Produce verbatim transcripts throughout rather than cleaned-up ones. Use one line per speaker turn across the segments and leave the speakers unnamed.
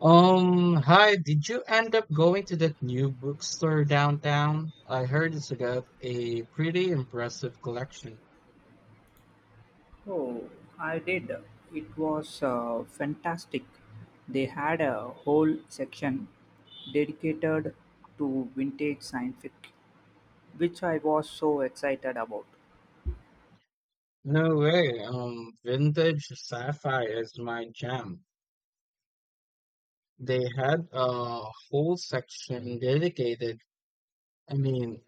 Um, hi, did you end up going to that new bookstore downtown? I heard it's got a pretty impressive collection.
Oh, I did. It was uh, fantastic. They had a whole section dedicated to vintage science fiction, which I was so excited about.
No way. Um, vintage sci-fi is my jam. They had a whole section dedicated. I mean,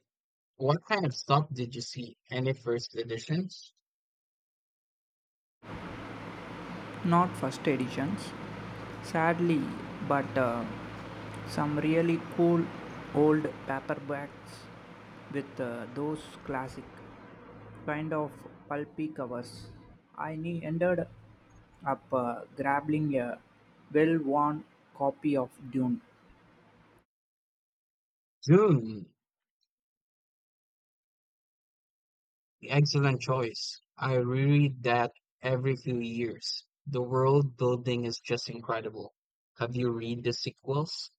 what kind of stuff did you see? Any first editions?
Not first editions, sadly, but uh, some really cool old paperbacks with uh, those classic kind of pulpy covers. I ne- ended up uh, grabbing a well-worn copy of Dune.
Dune. Excellent choice. I reread that every few years. The world building is just incredible. Have you read the sequels?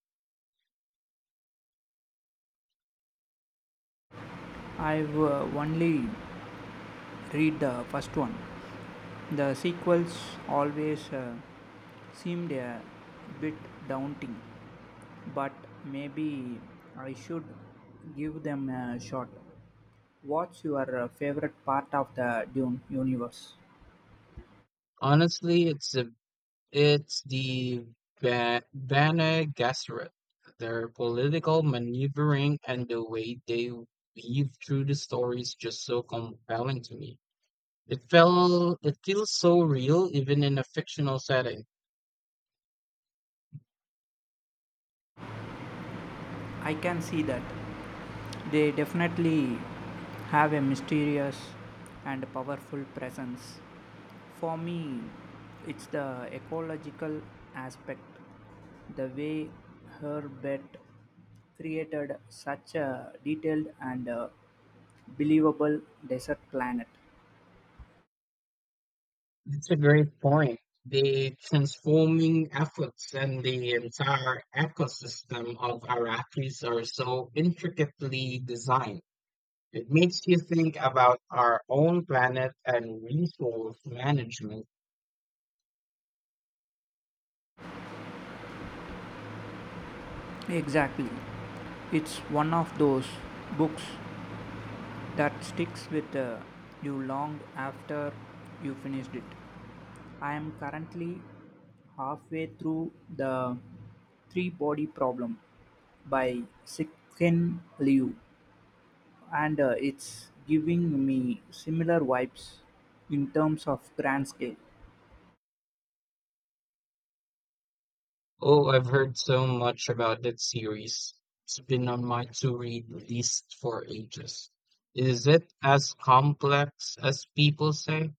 I've uh, only read the first one. The sequels always uh, seemed a bit daunting, but maybe I should give them a shot. What's your uh, favorite part of the Dune universe?
Honestly, it's the it's the Ba- Bene Gesserit. Their political maneuvering and the way they weave through the story is just so compelling to me. It felt it feels so real even in a fictional setting.
I can see that. They definitely have a mysterious and powerful presence. For me, it's the ecological aspect, the way Herbert created such a detailed and uh, believable desert planet.
That's a great point. The transforming efforts and the entire ecosystem of our Iraqis are so intricately designed. It makes you think about our own planet and resource management.
Exactly. It's one of those books that sticks with uh, you long after you finished it. I am currently halfway through the Three Body Problem by Sikhin Liu. and uh, it's giving me similar vibes in terms of grand scale.
Oh, I've heard so much about that series. It's been on my to-read list for ages. Is it as complex as people say?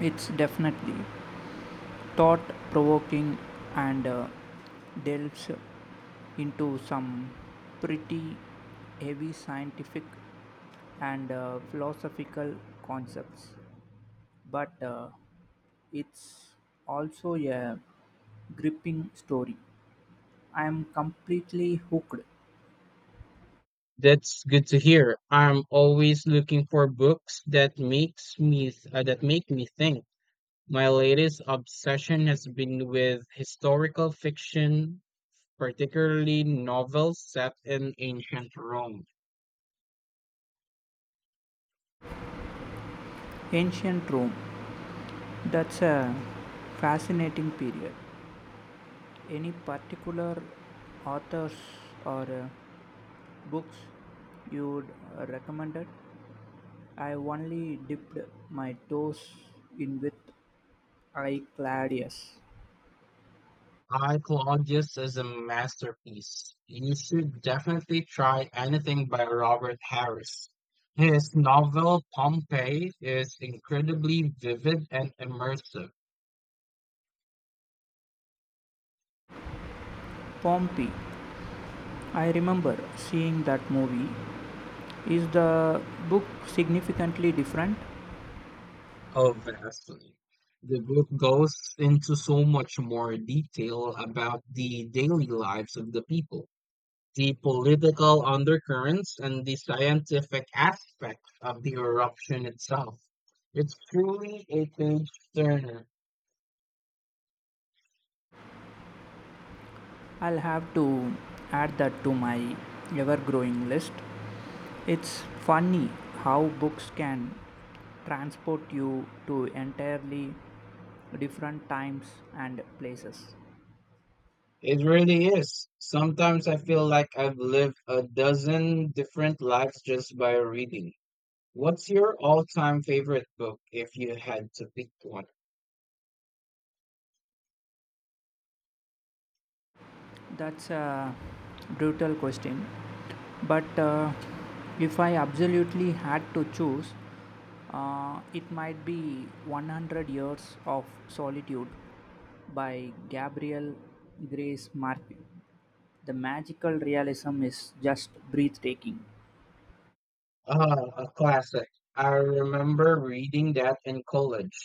It's definitely thought provoking and uh, delves into some pretty heavy scientific and uh, philosophical concepts, but uh, it's also a gripping story. I am completely hooked.
That's good to hear. I'm always looking for books that makes me th- uh, that make me think. My latest obsession has been with historical fiction, particularly novels set in ancient Rome.
Ancient Rome. That's a fascinating period. Any particular authors or uh, books you would uh, recommend it? I only dipped my toes in with I Claudius.
I Claudius is a masterpiece. You should definitely try anything by Robert Harris. His novel Pompeii is incredibly vivid and immersive.
Pompey. I remember seeing that movie. Is the book significantly different?
Oh, vastly. The book goes into so much more detail about the daily lives of the people, the political undercurrents, and the scientific aspects of the eruption itself. It's truly a page turner.
I'll have to add that to my ever growing list. It's funny how books can transport you to entirely different times and places.
It really is. Sometimes I feel like I've lived a dozen different lives just by reading. What's your all-time favorite book if you had to pick one?
That's a brutal question. But uh, if I absolutely had to choose, uh, it might be one hundred Years of Solitude by Gabriel Grace Martin. The magical realism is just breathtaking.
Ah, a classic. I remember reading that in college.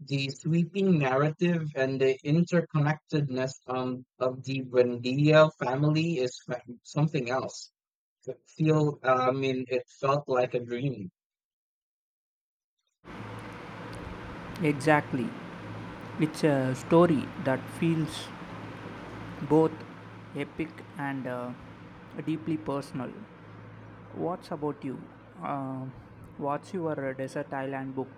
The sweeping narrative and the interconnectedness um, of the Buendia family is fa- something else. It feel, uh, I mean, it felt like a dream.
Exactly. It's a story that feels both epic and uh, deeply personal. What's about you? Uh, what's your uh, desert island book?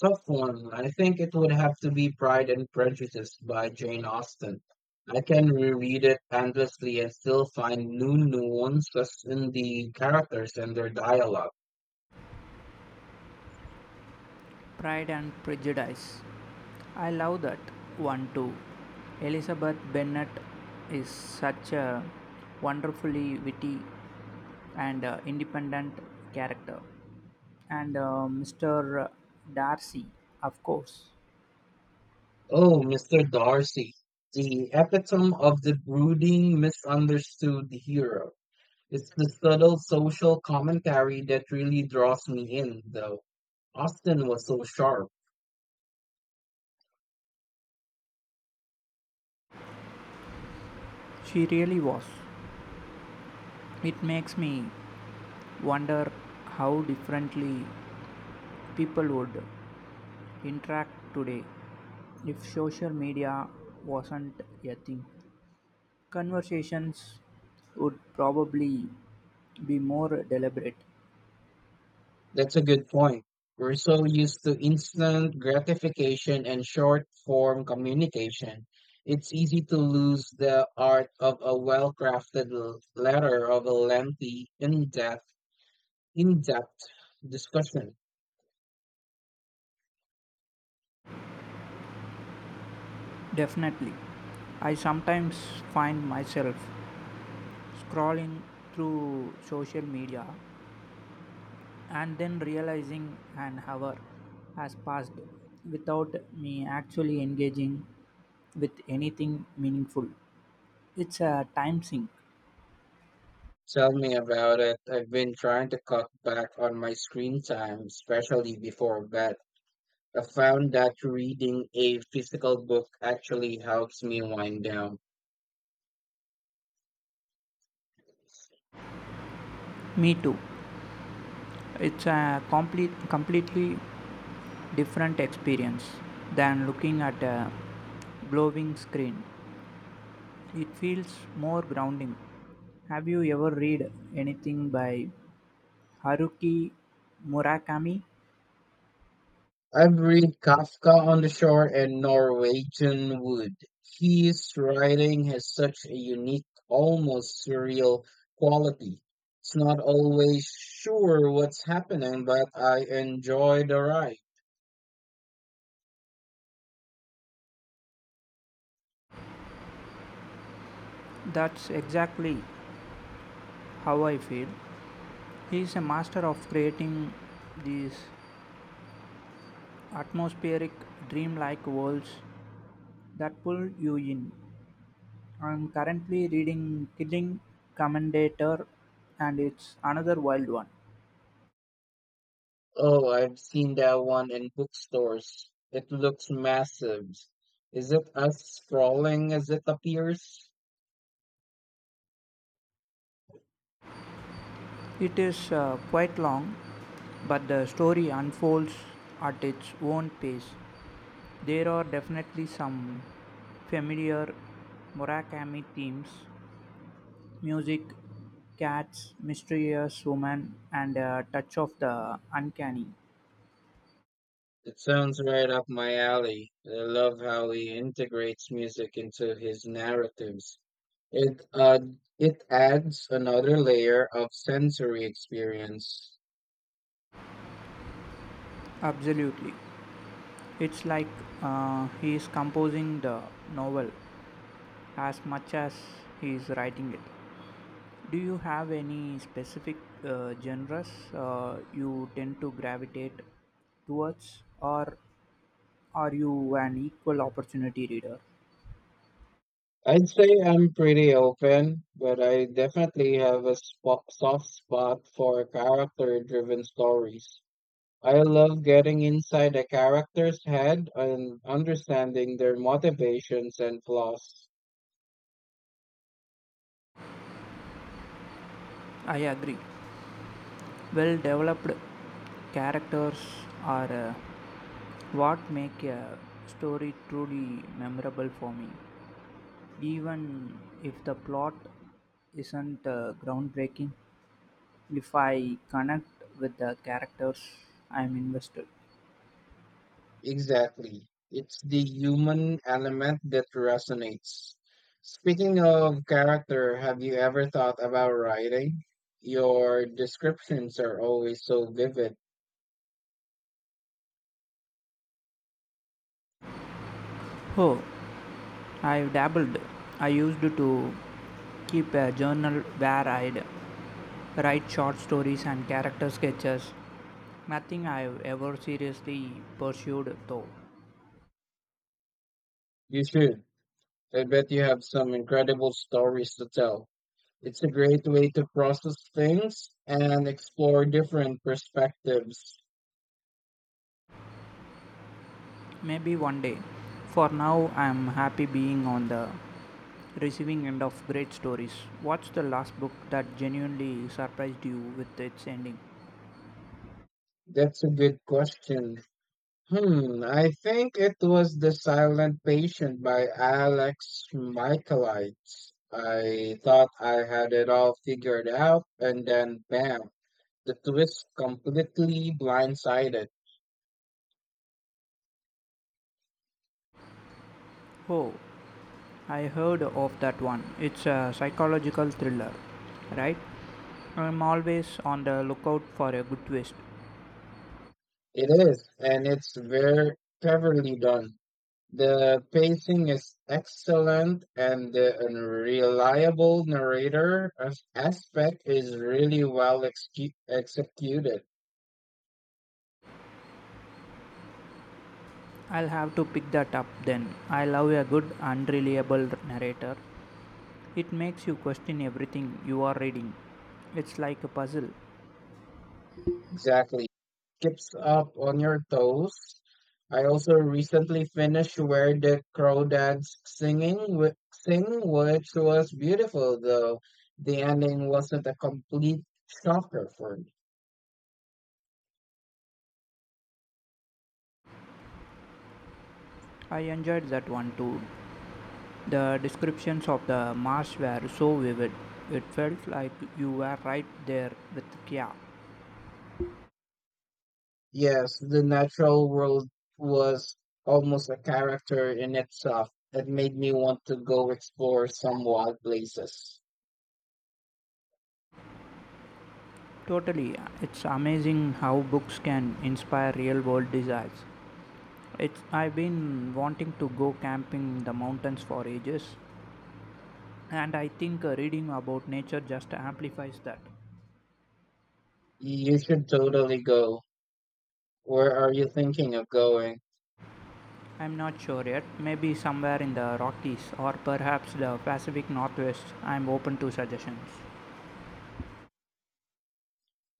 Tough one. I think it would have to be Pride and Prejudice by Jane Austen. I can reread it endlessly and still find new nuances in the characters and their dialogue.
Pride and Prejudice. I love that one too. Elizabeth Bennet is such a wonderfully witty and uh, independent character. And uh, mister Darcy, of course.
Oh, mister Darcy, the epitome of the brooding, misunderstood hero. It's the subtle social commentary that really draws me in, though. Austin was so sharp.
She really was. It makes me wonder how differently people would interact today if social media wasn't a thing. Conversations would probably be more deliberate.
That's a good point. We're so used to instant gratification and short form communication. It's easy to lose the art of a well crafted letter of a lengthy, in depth, in depth discussion.
Definitely. I sometimes find myself scrolling through social media and then realizing an hour has passed without me actually engaging with anything meaningful. It's a time sink.
Tell me about it. I've been trying to cut back on my screen time, especially before bed. I found that reading a physical book actually helps me wind down.
Me too. It's a complete, completely different experience than looking at a glowing screen. It feels more grounding. Have you ever read anything by Haruki Murakami?
I've read Kafka on the Shore and Norwegian Wood. His writing has such a unique, almost surreal quality. It's not always sure what's happening, but I enjoy the ride.
That's exactly how I feel. He is a master of creating these atmospheric, dreamlike worlds that pull you in. I'm currently reading Killing Commendator, and it's another wild one.
Oh, I've seen that one in bookstores. It looks massive. Is it as sprawling as it appears?
It is uh, quite long, but the story unfolds at its own pace. There are definitely some familiar Murakami themes: music, cats, mysterious woman, and a touch of the uncanny.
It sounds right up my alley. I love how he integrates music into his narratives. It uh, it adds another layer of sensory experience.
Absolutely. It's like uh, he is composing the novel as much as he is writing it. Do you have any specific uh, genres uh, you tend to gravitate towards, or are you an equal opportunity reader?
I'd say I'm pretty open, but I definitely have a spo soft spot for character-driven stories. I love getting inside a character's head and understanding their motivations and flaws.
I agree. Well developed characters are uh, what make a story truly memorable for me, even if the plot isn't uh, groundbreaking. If I connect with the characters, I'm invested.
Exactly. It's the human element that resonates. Speaking of character, have you ever thought about writing? Your descriptions are always so vivid.
Oh, I've dabbled. I used to keep a journal where I'd write short stories and character sketches. Nothing I've ever seriously pursued though.
You should. I bet you have some incredible stories to tell. It's a great way to process things and explore different perspectives.
Maybe one day. For now, I'm happy being on the receiving end of great stories. What's the last book that genuinely surprised you with its ending?
That's a good question. Hmm, I think it was The Silent Patient by Alex Michaelides. I thought I had it all figured out, and then bam, the twist completely blindsided.
Oh, I heard of that one. It's a psychological thriller, right? I'm always on the lookout for a good twist.
It is, and it's very cleverly done. The pacing is excellent, and the unreliable narrator as- aspect is really well execu- executed.
I'll have to pick that up then. I love a good, unreliable narrator. It makes you question everything you are reading. It's like a puzzle.
Exactly. Keeps up on your toes. I also recently finished Where the Crawdads Singing wi- Sing, which was beautiful, though the ending wasn't a complete shocker for me.
I enjoyed that one too. The descriptions of the marsh were so vivid. It felt like you were right there with Kia.
Yes, the natural world was almost a character in itself. It made me want to go explore some wild places.
Totally, it's amazing how books can inspire real world desires. It's, I've been wanting to go camping in the mountains for ages, and I think uh, reading about nature just amplifies that.
You should totally go. Where are you thinking of going?
I'm not sure yet, maybe somewhere in the Rockies or perhaps the Pacific Northwest. I'm open to suggestions.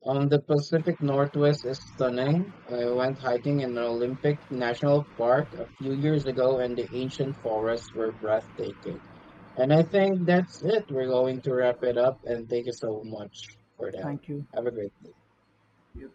Um, the Pacific Northwest is stunning. I went hiking in Olympic National Park a few years ago, and the ancient forests were breathtaking. And I think that's it. We're going to wrap it up, and thank you so much for that.
Thank you.
Have a great day.